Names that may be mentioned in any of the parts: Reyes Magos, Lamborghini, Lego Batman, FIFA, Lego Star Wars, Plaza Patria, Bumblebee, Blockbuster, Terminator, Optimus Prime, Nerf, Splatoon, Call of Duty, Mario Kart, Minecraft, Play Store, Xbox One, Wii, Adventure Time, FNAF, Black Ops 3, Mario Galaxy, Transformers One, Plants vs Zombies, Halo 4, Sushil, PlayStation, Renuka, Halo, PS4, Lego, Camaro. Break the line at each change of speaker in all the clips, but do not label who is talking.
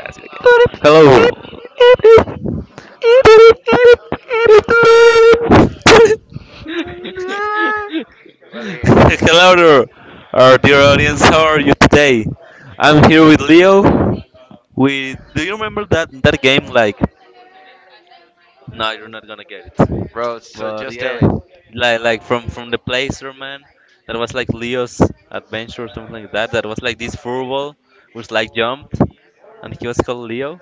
Hello there, our dear audience. How are you today? I'm here with Leo. We Do you remember that game, like? But yeah, like from the Placer man. That was like Leo's adventure or something like that. That was like this furball, which like jumped, and he was called Leo.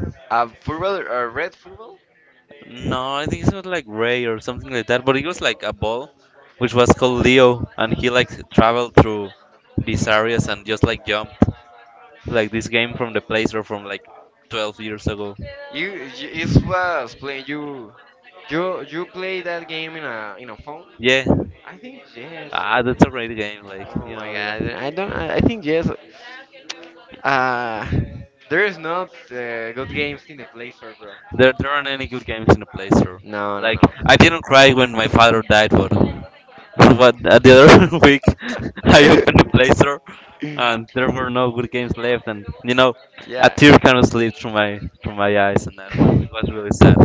No, I think it was like Ray or something like that. But it was like a ball, which was called Leo, and he like traveled through these areas and just like jumped, like this game from the Play Store from like 12 years ago. Yeah, that's a great game. Like, yeah. There aren't any good games in the Play Store. Like, I didn't cry when my father died, but but what, the other week I opened the Play Store, and there were no good games left, and a tear kind of slipped through my eyes, and I don't know, it was really sad.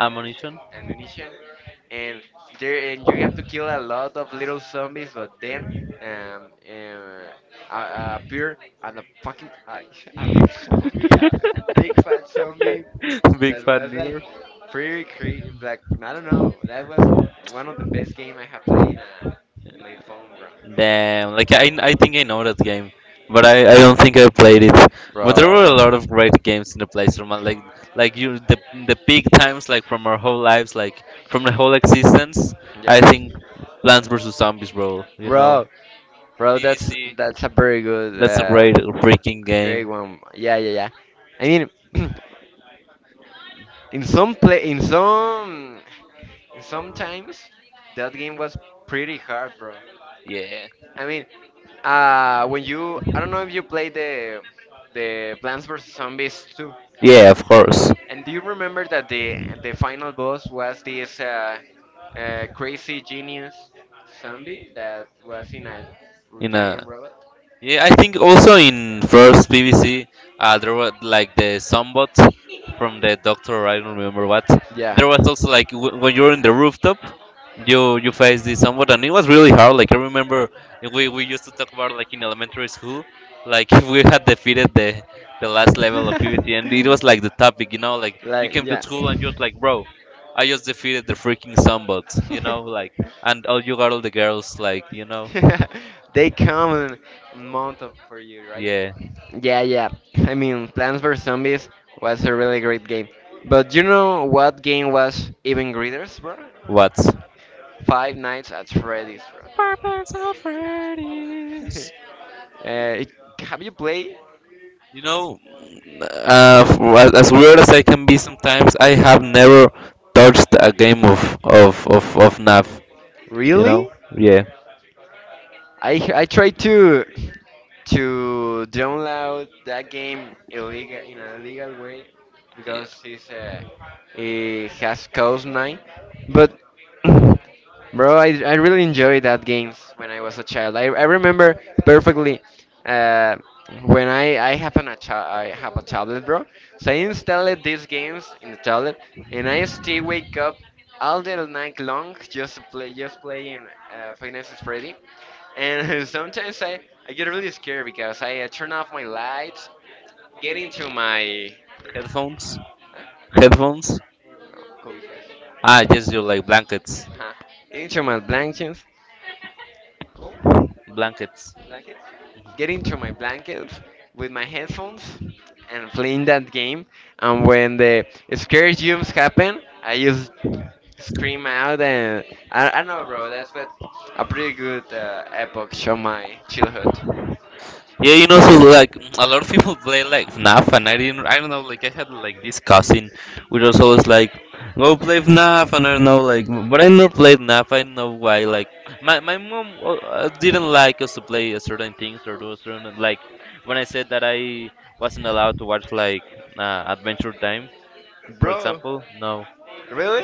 Ammunition. Big fat niggers. Damn, like I think I know that game, but I don't think I played it. But there were a lot of great games in the PlayStation, man. Like you the peak times, like from our whole lives, like from the whole existence. I think Plants vs Zombies, bro. PVC. That's a great freaking game. Yeah. Yeah, of course. In a Yeah, I think also in first PVC there was like the somebot from the doctor, I don't remember what. There was also like when you're in the rooftop, you face the somewhat, and it was really hard. Like, I remember, we used to talk about, like, in elementary school, like, we had defeated the last level of pvc, and it was like the topic, like, you came to school, and you're just like, bro, I just defeated the freaking somebot, like. And all, you got all the girls, like, yeah. What? Purpose of Freddy's. You know, as weird as I can be sometimes, I have never touched a game of NAV. You know? Yeah. Headphones. Headphones. Just you like blankets. Blankets. Yeah, so like a lot of people play like FNAF, and I didn't, I don't know, like I had like this cousin, which was always like, go play FNAF, and I don't know, like, but I never played FNAF. I don't know why. Like, my mom, didn't like us to play a certain things or do a certain, like. When I said that I wasn't allowed to watch like, Adventure Time, for example, no,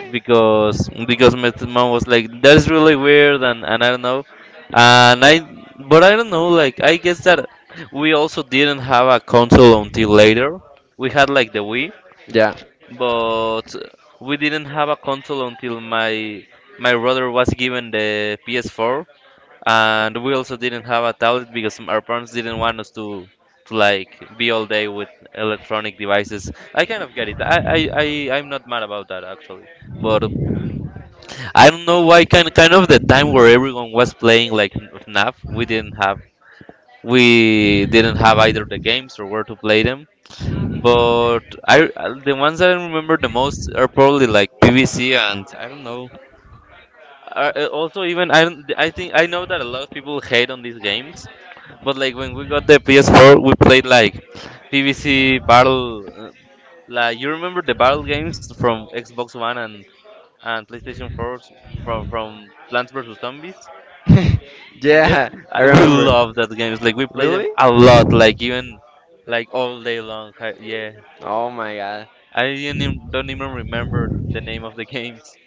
because my mom was like, that's really weird, and I don't know, and I but I don't know, like, I guess that we also didn't have a console until later. We had like the Wii, but we didn't have a console until my brother was given the PS4. And we also didn't have a tablet because our parents didn't want us to like be all day with electronic devices. I kind of get it. I'm not mad about that, actually. But I don't know why, kind of the time where everyone was playing like FNAF, we didn't have either the games or where to play them. But, I the ones that I remember the most are probably like PVC, and I don't know. Also, even, I don't, I think I know that a lot of people hate on these games, but like, when we got the PS4, we played like PVC battle. Like, you remember the battle games from Xbox One and PlayStation 4, from Plants vs Zombies? Dead? Yeah, we love that games. Like, we play them a lot, like, even like all day long. Yeah, I didn't, don't even remember the name of the games.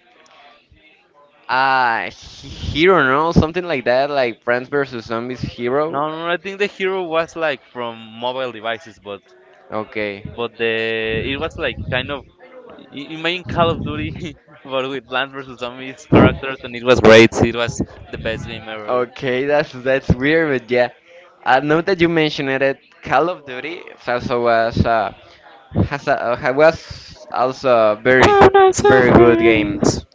No, no, no, I think the hero was like from mobile devices, but the it was like kind of, imagine Call of Duty, but with Plants vs Zombies characters, and it was great. It was the best game ever. When I saw fairies.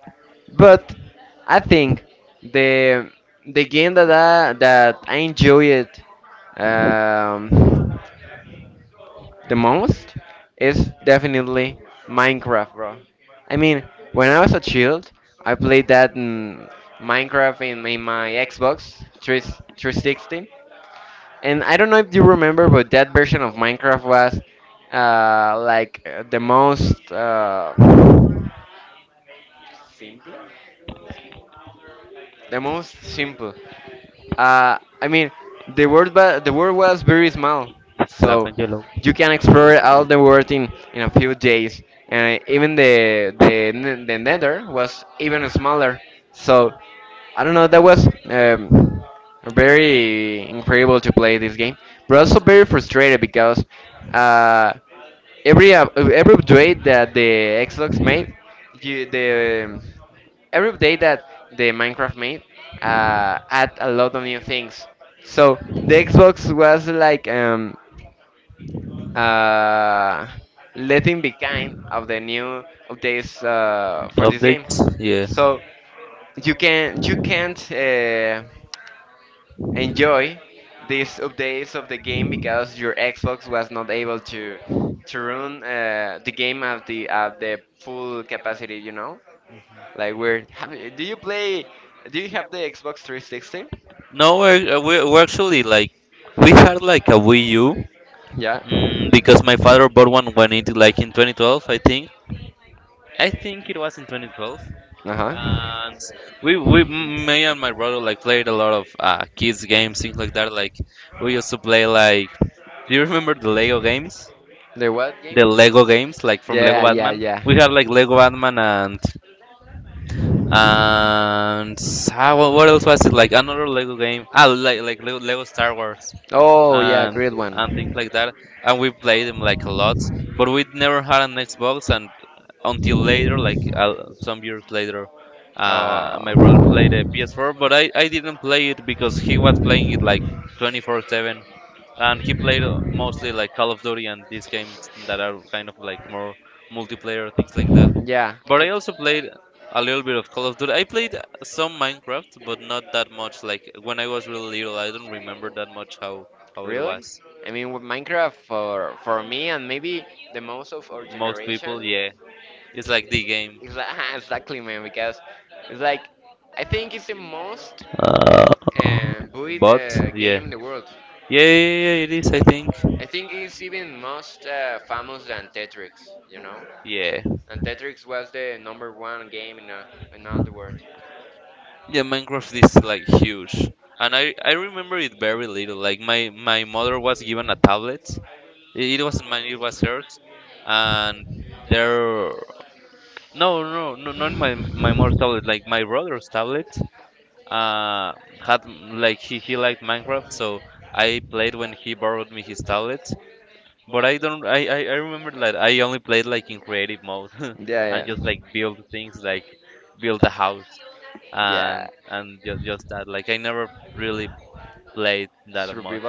Black and yellow. Updates? Yeah. No, we're actually like, we had like a Wii U, because my father bought one when it, like, in 2012, I think. I think it was in 2012. And me and my brother like played a lot of kids games, things like that. Like, we used to play like, do you remember the Lego games? The Lego games, like from Lego Batman. We had like Lego Batman, and how, what else was it? Like another Lego game? Like Lego Star Wars, and and things like that. And we played them like a lot, but we never had an Xbox. And until later, like, some years later, my brother played a PS4, but I didn't play it because he was playing it like 24/7, and he played, mostly like Call of Duty and these games that are kind of like more multiplayer, things like that. But I also played a little bit of Call of Duty. I played some Minecraft, but not that much. Like, when I was really little, I don't remember that much how it was. Most people, yeah, it's like the game. Uh, But yeah, yeah, yeah, yeah, yeah, it is, I think. Yeah. Yeah, Minecraft is like huge. And I remember it very little. Like, my mother was given a tablet. It wasn't mine. It was hers. And there, no, no, no, not my mom's tablet. Like, my brother's tablet. Uh, had like, he liked Minecraft, so I played when he borrowed me his tablet. But I don't. I remember that I only played like in creative mode, and just like build things, like, build a house, and just that. Like, I never really played that much.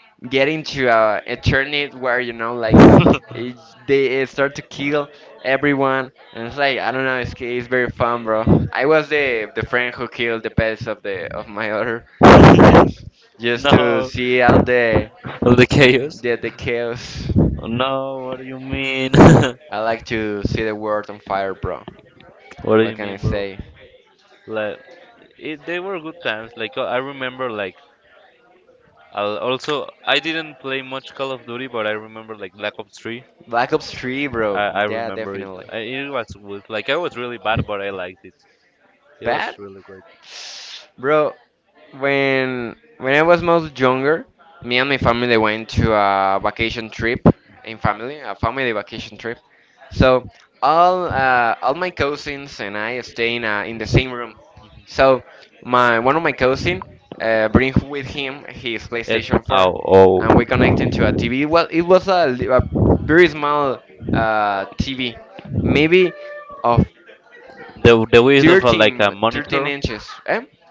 like, no. Of the chaos? No, what do you mean? What do you mean, bro? Like, they were good times. Like, I remember, like, also, I didn't play much Call of Duty, but I remember, like, Black Ops 3. I remember it. It was good. Like, I was really bad, but I liked it. It was really great. Mhm. Yes. Oh, oh. The width of a, like, a monitor,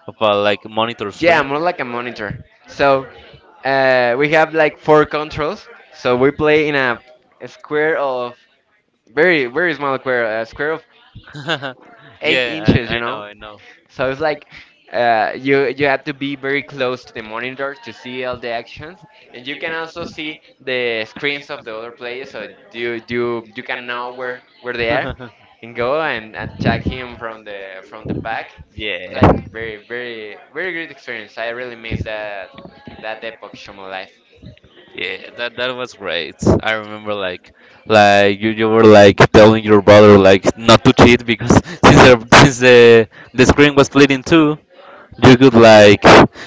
of a, like, monitor screen. yeah, I know, I know. yeah, yeah, that was great. I remember like you were like telling your brother like not to cheat because since the screen was split in two, you could like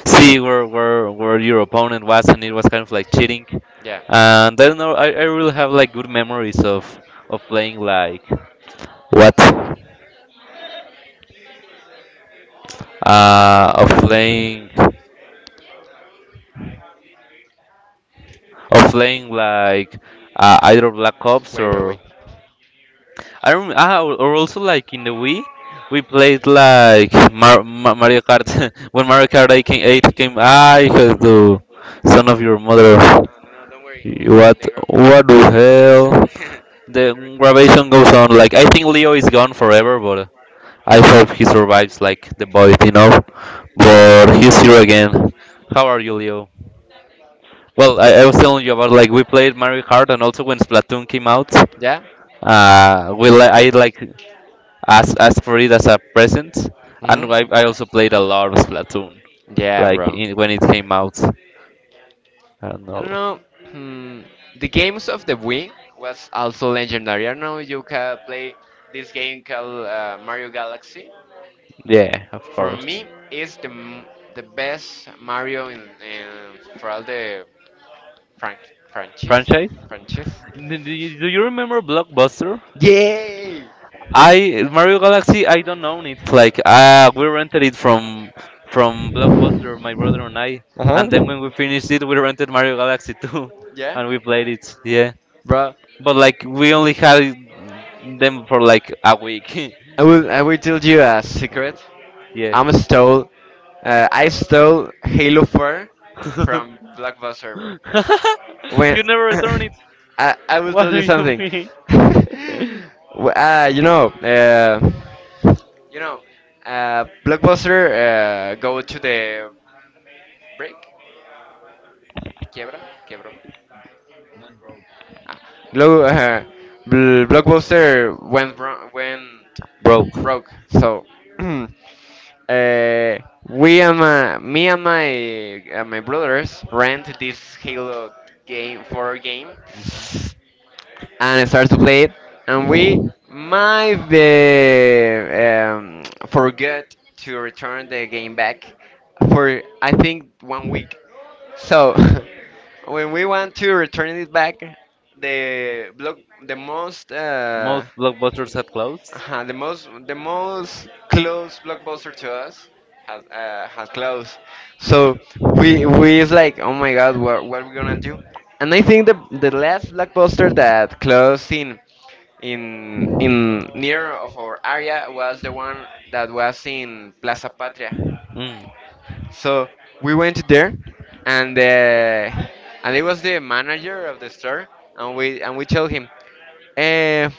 see where your opponent was, and it was kind of like cheating. And I don't know, I really have like good memories of playing like, what uh of playing of playing like, either Black Ops, or I remember, or also like in the Wii, we played like, Mario Kart when Mario Kart 8 came, I had to, son of your mother, what, the hell, the graduation goes on. Like, I think Leo is gone forever, but I hope he survives like the boys. But he's here again. How are you, Leo? Well, I was telling you about like we played Mario Kart, and also when Splatoon came out,
Yeah.
I like asked for it as a present, and
Hmm.
I also played a lot of Splatoon,
Yeah,
like,
bro.
when it came out. I don't
I
know.
don't know. Hmm, the games of the Wii was also legendary. I don't know. You can play this game called Mario Galaxy.
Yeah, of
For
course.
me, it's the best Mario in for all the frank franchise
Franchise?
franchise.
Do you remember Blockbuster?
Yay!
I Mario Galaxy, I don't own it. Like, we rented it from Blockbuster, my brother and I.
Uh
And then
huh.
when we finished it, we rented Mario Galaxy 2
Yeah,
and we played it. Yeah.
bro.
But like, we only had them for like a week.
I will tell you a secret.
yeah.
I'm stole. I stole Halo 4 from Blockbuster, bro. When
you never return it.
I will
What
tell
do
you
you
something.
mean?
Wh- uh, you know, uh, you know, Blockbuster go to the break. Quiebra, quebró. Glo- uh, Blockbuster went
Broke.
broke. So uh, me and my brothers rent this Halo game for a game and starts to play it, and we might the forget to return the game back for I think one week. So when we want to return it back, the block the most uh,
Most blockbusters have closed.
the most close blockbuster to us has closed. So we is like, oh my God, what are we gonna do? And I think the last blockbuster that closed in near of our area was the one that was in Plaza Patria.
Mm.
So we went there, and uh, and it was the manager of the store, and we told him, uh, uh,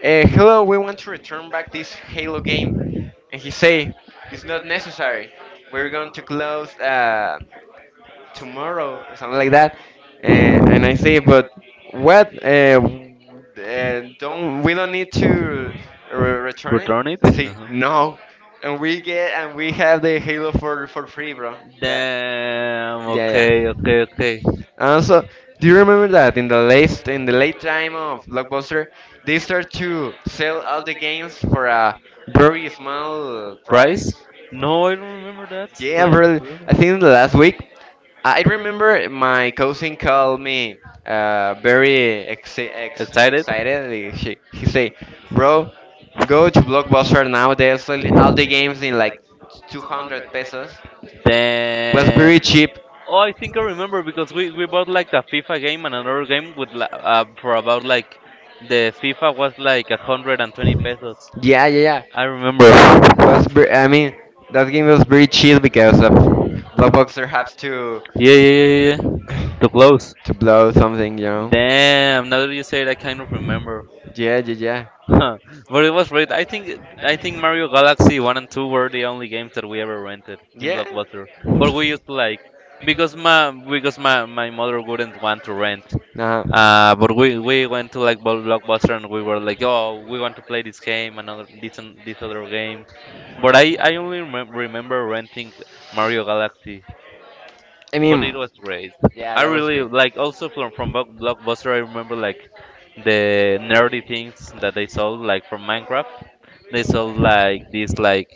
"Hello, we want to return back this Halo game," and he say, "It's not necessary. We're going to close. Tomorrow or something like that. Uh, and I say, but what? Don't we don't need to return it?
Return it?
And they say
Uh-huh.
no, and we get and we have the Halo for free, bro. That
Damn.
Yeah,
Okay.
yeah.
Okay. Okay.
Also, do you remember that in the late time of Blockbuster, they start to sell all the games for a very small price?
Price? No, I don't remember that.
Yeah,
Like,
bro.
really
I think in the last week, I remember my cousin called me very ex ex
excited.
excited. He say, bro, go to Blockbuster now. They're selling all the games in like 200 pesos. Was
Damn.
very cheap.
Oh, I think I remember because we bought like the FIFA game and another game for about like, the FIFA was like 120 pesos.
Yeah, yeah, yeah.
I remember. Yeah.
I mean, that game was very cheap because Blockbuster has to
Yeah. Yeah. Yeah. Yeah. Too close.
to blow something.
Damn. Now that you say it, I kind of remember.
Yeah, yeah,
Huh. But it was great. I think Mario Galaxy one and two were the only games that we ever rented in, yeah,
yeah. Yeah.
Blockbuster. But we used to like, because my mother wouldn't want to rent.
Now,
But we went to like Blockbuster and we were like, oh, we want to play this game, another this and this other game. But I only remember renting Mario Galaxy.
I
But it
mean,
was great.
yeah,
I
that was
really
great.
like also from Blockbuster. I remember like the nerdy things that they sold like from Minecraft, they sold like these like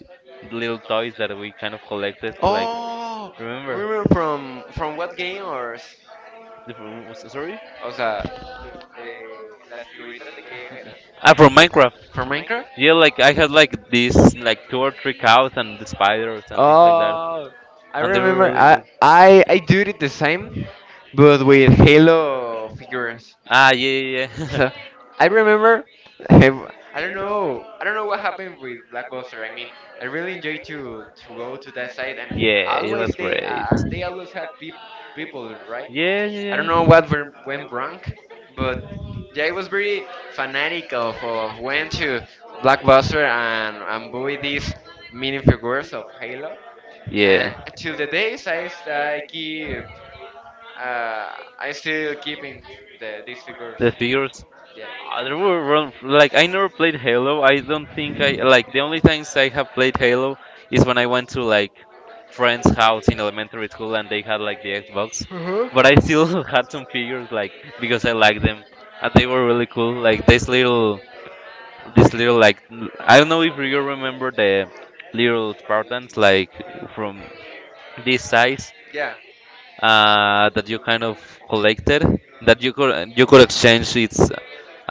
little toys that we kind of collected. Like,
Oh,
remember?
remember from what game or?
Sorry?
O sea, de las figuritas de qué era?
Ah, from Minecraft.
From Minecraft?
Yeah, like I had like these like two or three cows and the spiders and things like that,
Oh, I
and they were
remember.
really
I
good.
I I did it the same, but with Halo figures.
Ah, yeah, yeah, yeah.
So I remember, I I don't know what happened with Black Blockbuster. I mean, I really enjoyed to go to that site, and
yeah, it was
always
great.
they always had people, right?
Yeah, yeah,
I don't
yeah.
know what went wrong, but yeah, I was very fanatic of went to Blockbuster and buy these mini figures of Halo. And
Yeah.
to the days uh, I still keeping these figures.
The figures.
Yeah.
There were run like I never played Halo. I don't think I like the only times I have played Halo is when I went to like friends' house in elementary school and they had like the Xbox.
Uh-huh.
But I still had some figures like because I liked them and they were really cool. Like this little like I don't know if you remember the little Spartans like from this size,
Yeah,
that you kind of collected, that you could exchange its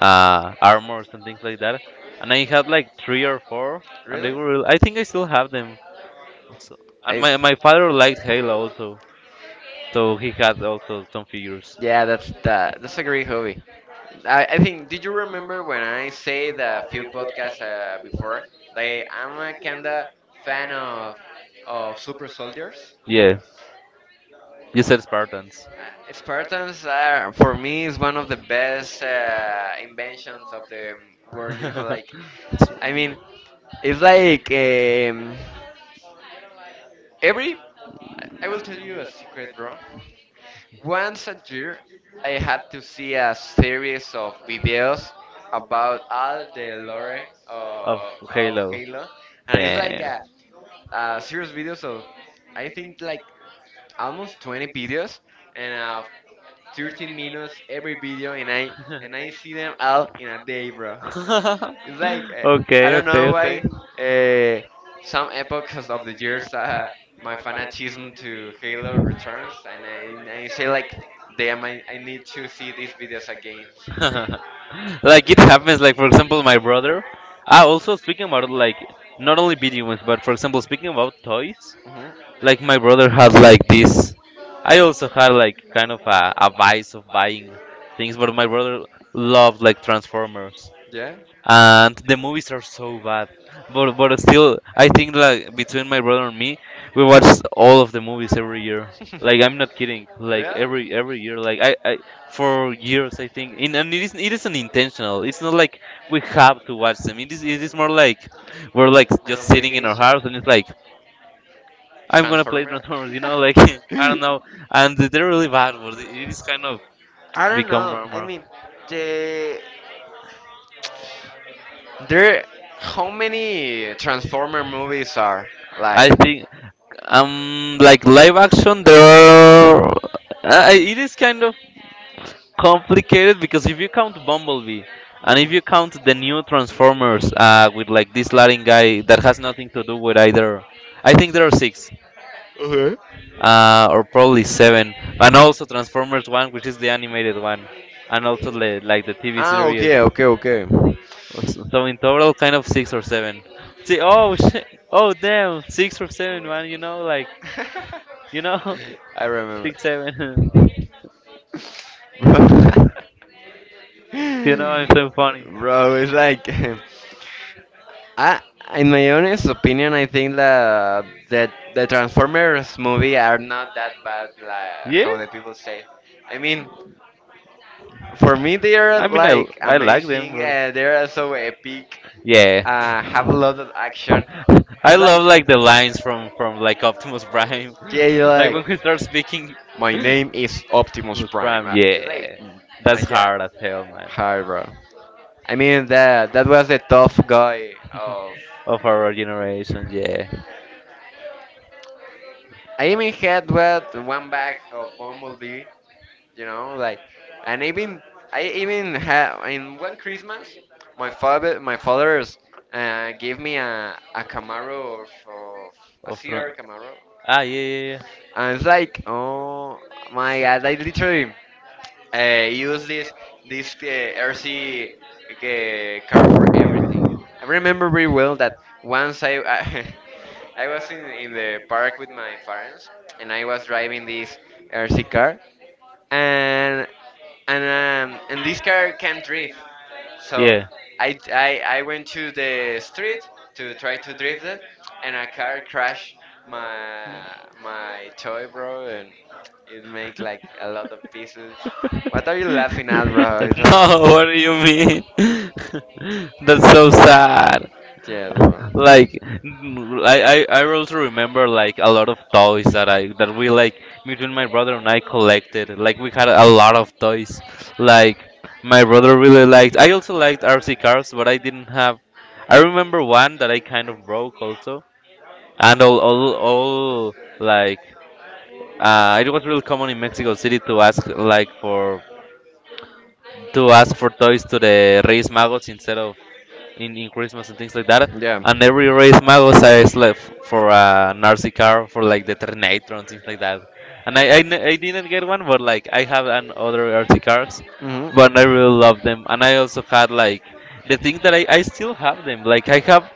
armor or something like that. And I had like three or four, and they
really?
were, I think I still have them. Also. And
I.
my father liked Halo also, so he had also some figures.
Yeah, that's that. That's a great hobby. I think. Did you remember when I said a few podcasts before that I'm a kinda fan of super soldiers?
Yeah, you said Spartans.
Spartans are for me is one of the best inventions of the world. You know, like I mean, it's like every. I will tell you a secret, bro. Once a year, I have to see a series of videos about all the lore
of
of, of
Halo.
Halo, and it's like
Damn.
a series videos of I think like almost 20 videos and 13 minutes every video, and I see them all in a day, bro. It's like I
okay,
don't know why
okay,
uh, some epochs of the years my fanatism to Halo returns, and I say like, damn, I need to see these videos again.
okay. like it happens like, for example, my brother, ah, also speaking about like not only video games but for example speaking about toys, like my
Mhm.
brother had like this. I also had like kind of a vice of buying things, but my brother loved like Transformers,
Yeah.
and the movies are so bad, but still I think like between my brother and me, we watch all of the movies every year. Like I'm not kidding, like every year, like I, for
Yeah.
years I think in, and it is it isn't intentional, it's not like we have to watch them, it is more like we're like
An
just sitting in our
obligation.
house and it's like I'm gonna play
Transformer?
Transformers, like, I don't know, and they're really bad, but it is kind of
I don't
become
know. I
normal.
mean, the there how many Transformer movies are like?
I think. Like live action, there are, it is kind of complicated, because if you count Bumblebee and if you
Mhm.
count the new Transformers, with like this Latin guy that has nothing to do with either, I think there are six,
Okay.
or probably seven, and also Transformers One, which is the animated one, and also the, like the TV
Ah,
series.
okay, okay, okay.
So so in total, kind of six or seven. See, oh, shit. Oh damn, six or seven, man. You know,
I remember.
six, seven. You know, it's so funny.
Bro, it's like I in my honest opinion I think that the Transformers movie are not that bad like
Yeah,
how the people say. I mean, for me they are
I mean,
like
I like them,
amazing.
but
They are so epic.
yeah.
Have a lot of action.
I
It's
love
like
like the lines from like Optimus Prime,
yeah, you
like
like.
when he starts speaking.
My name is Optimus
Optimus
Prime.
Prime,
It's like,
yeah, that's
yeah.
hard as hell, man.
Hi, bro. I mean that was a tough guy of.
Of our generation, yeah.
I even had what one bag of Bumblebee, you know, like, and even I even had in one Christmas, my father's gave me a Camaro of a
Of
CR
tr-
Camaro,
ah, yeah, yeah,
and it's like, oh my God, I literally use this RC car for everything. I remember very well that once I was in the park with my parents and I was driving this RC car and and this car can drift.
yeah.
So
Yeah.
I went to the street to try to drift it, and a car crashed my my toy, bro, and it made like a lot of pieces. What are you laughing at, bro? It's like
no, what do you mean? that's so sad.
yeah, bro.
Like, mm, I also remember like a lot of toys that I that we like between my brother and I collected. Like we had a lot of toys. Like my brother really liked. I also liked RC cars, but I didn't have. I remember one that I kind of broke also, and all like, it was really common in Mexico City to ask like for, to ask for toys to the Reyes Magos instead of in Christmas and things like that.
Yeah.
And every race magos I slept for a Nazi car for like the Terminator and things like that. And I didn't get one, but like I have an other RC cars,
Mhm.
but I really love them. And I also had like the thing that I still have them. Like I have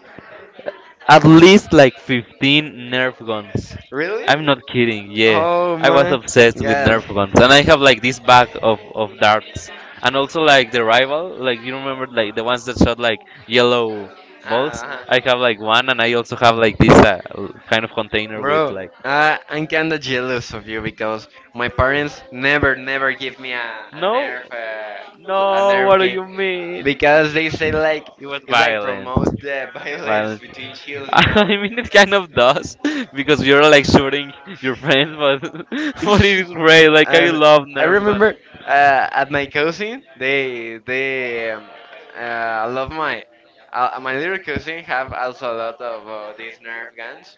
at least like 15 Nerf guns.
Really?
I'm not kidding, yeah.
Oh
I was
my
obsessed with
God.
Nerf guns. And I have like this bag of darts. And also like the rival, like you remember like the ones that shot like yellow balls?
Uh-huh.
I have like one and I also have like this, kind of container with
Bro,
like.
I'm kinda jealous of you because my parents never, never give me a, a
No?
nerve, uh, a
No, what
nerve
do
game
you mean?
because they say like
It was
it's like
violent.
promote the violence
Violent.
between children, you
I
know.
mean, it kind of does because you're like shooting your friends, but but it's great. Like I
And
love I
I
Nerf gun.
remember at my cousin, they love my little cousin have also a lot of these Nerf guns,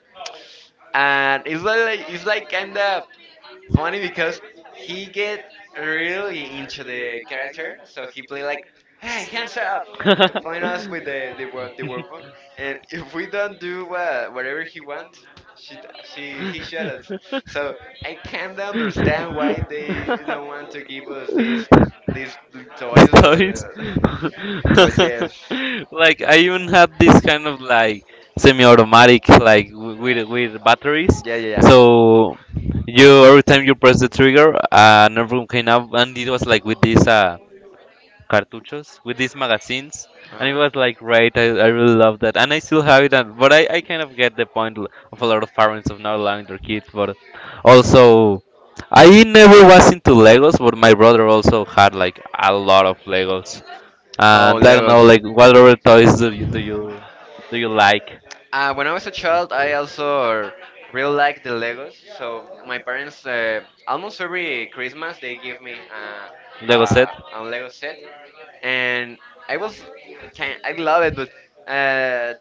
and it's like kind of funny because he get really into the character, so he play like, "Hey, hands up!"
up!
and point us with the weapon, and if we don't do whatever he wants, she she he shot us.
us.
So I can't understand why they don't want to give us this these
These
toys,
toys.
but but
yeah.
yes.
Like I even had this kind of like semi-automatic, like with batteries.
Ya, ya, ya.
So you every time you press the trigger, another room came up, and it was like with this. Cartuchos with these magazines, and it was like great. I really love that, and I still have it. And, but I kind of get the point of a lot of parents of not allowing their
uh,
kids. But also, I never was into Legos, but my brother also had like a lot of Legos.
Oh,
And I don't know,
Legos.
like what other toys do you like?
When I was a child, I also really liked the Legos. So my parents, almost every Christmas, they give me
Lego set?
a Lego set, and I was kind, I love it, but uh,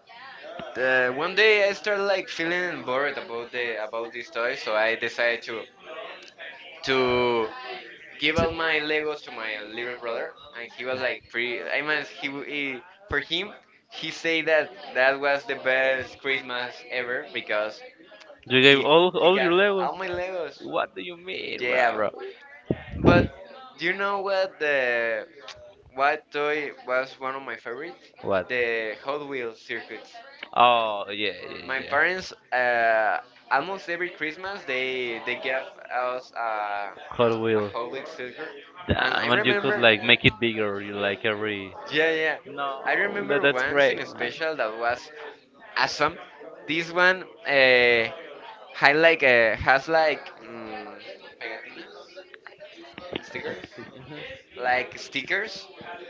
one day I started like feeling bored about these toys, so I decided to give out my Legos to my little brother, and he was like pretty. I mean, he for him, he said that was the best Christmas ever because
You gave
he
all
he
all
got
your Lego?
all my Legos.
What do you mean,
Yeah,
bro?
bro. But do you know what the what toy was one of my favorites?
What?
The Hot Wheels circuits.
Oh yeah, yeah,
My
yeah.
parents, almost every Christmas, they give us
Hot Wheels.
a holy sticker, and I
Damn, and you could
remember,
like make it bigger. You like every.
yeah, yeah,
No,
I
that,
remember
that's
once
great,
in
man.
special that was awesome. This one, had like has like pegatinas, stickers,
Mhm.
like stickers,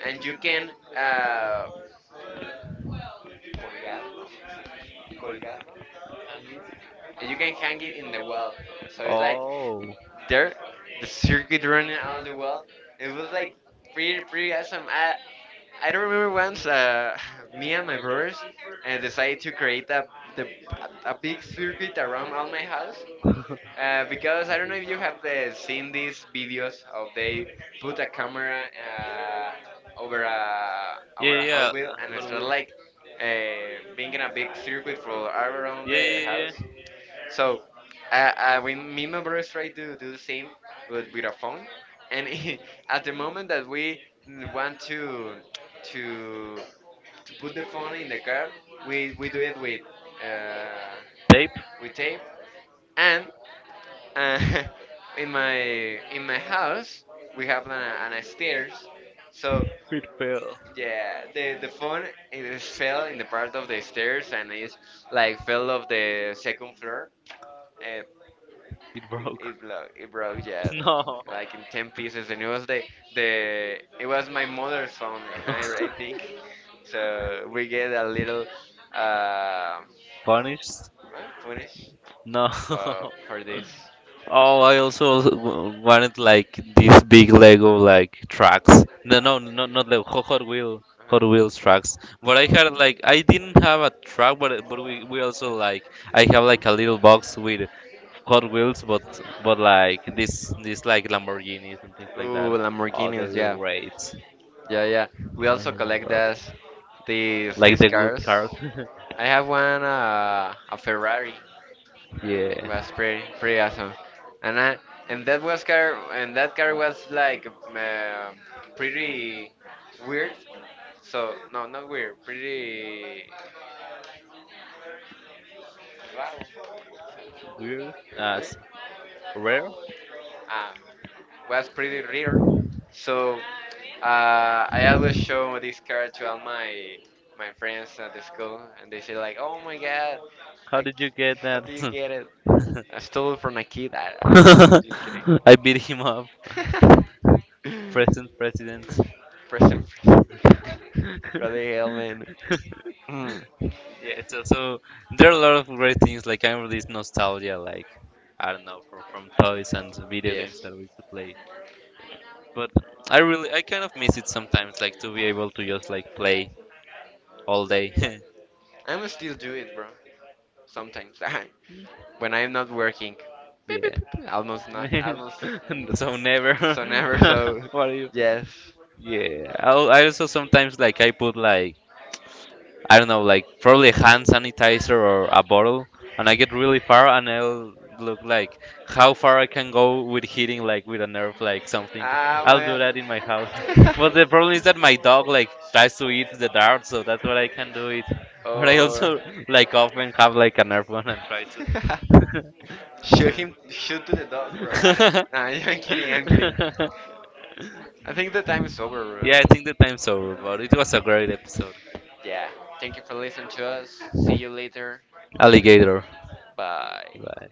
and you can uh, colgarlo, colgarlo. You can hang it in the wall. So it's like
Oh.
there, the circuit running out the wall. It was like pretty awesome. I don't remember once me and my brothers decided to create the, a big circuit around all my house. Because I don't know if you have seen these videos of they put a camera over a
Yeah,
Hot
yeah.
Wheel and start
Wheels.
like
uh,
being in a big circuit for all around
Yeah,
the
yeah,
house.
yeah.
So me and my brothers try to do the same, but with a phone. And at the moment that we want to to put the phone in the car, we do it uh,
Tape.
with tape. And uh, in my in my house we have an a stairs. So
It fell.
yeah, the phone it is fell in the part of the stairs and it's like fell off the second floor. Uh,
It
It,
broke.
it broke, it broke, yeah,
No.
like in 10 pieces. And it was the it was my mother's phone, I, I think. So we get a little uh,
Punished?
well, punish
No.
for, for this.
Oh, I also wanted like these big Lego like trucks. No, no, no, not Lego. Hot Wheel,
Uh-huh.
Hot Wheels trucks. But I had like I didn't have a truck, but we also like I have like a little box with Hot Wheels, but like this like Lamborghinis and things like that.
Ooh,
Oh, they
Lamborghinis,
were
yeah.
great.
Yeah, yeah. We also collect
I like
these
the good
cars.
cars.
I have one, a Ferrari.
yeah.
Was pretty awesome, and that car was like pretty weird. So no, not weird, pretty raro,
Weird.
weird.
Rare.
Um, was pretty rare. So uh, I always show this car to all my friends at the school, and they say like, "Oh my God,
How
I,
did you get
how do you
that?
get it? I stole it from a kid." Just kidding.
I beat him up,
Present,
present president.
present. What the hell, man? Mm,
Yeah, so, so there are a lot of great things. Like I'm really nostalgia, like I don't know, from toys and video games
yes.
that we used to play. But I really, I kind of miss it sometimes, like to be able to just like play all day.
I'm still do it, bro. Sometimes. When I'm not working. Beep, beep,
yeah.
beep, beep. Almost not. Almost. mm,
so never.
So never so.
what are you?
Yes.
Yeah. I also sometimes like I put like I don't know, like probably a hand sanitizer or a bottle, and I get really far, and I'll look like how far I can go with hitting like with a nerve, like something.
Ah,
I'll do
my.
that in my house. But the problem is that my dog like tries to eat the dart, so that's what I can do it. But I
Oh.
also like often have like a nerve one and try to.
shoot him. Shoot to the dog, bro. I don't- nah, I'm kidding. I'm kidding. I think the time is over, bro.
yeah, I think the time's over, but it was a great episode.
Yeah. Thank you for listening to us. See you later.
Alligator.
Bye.
Bye.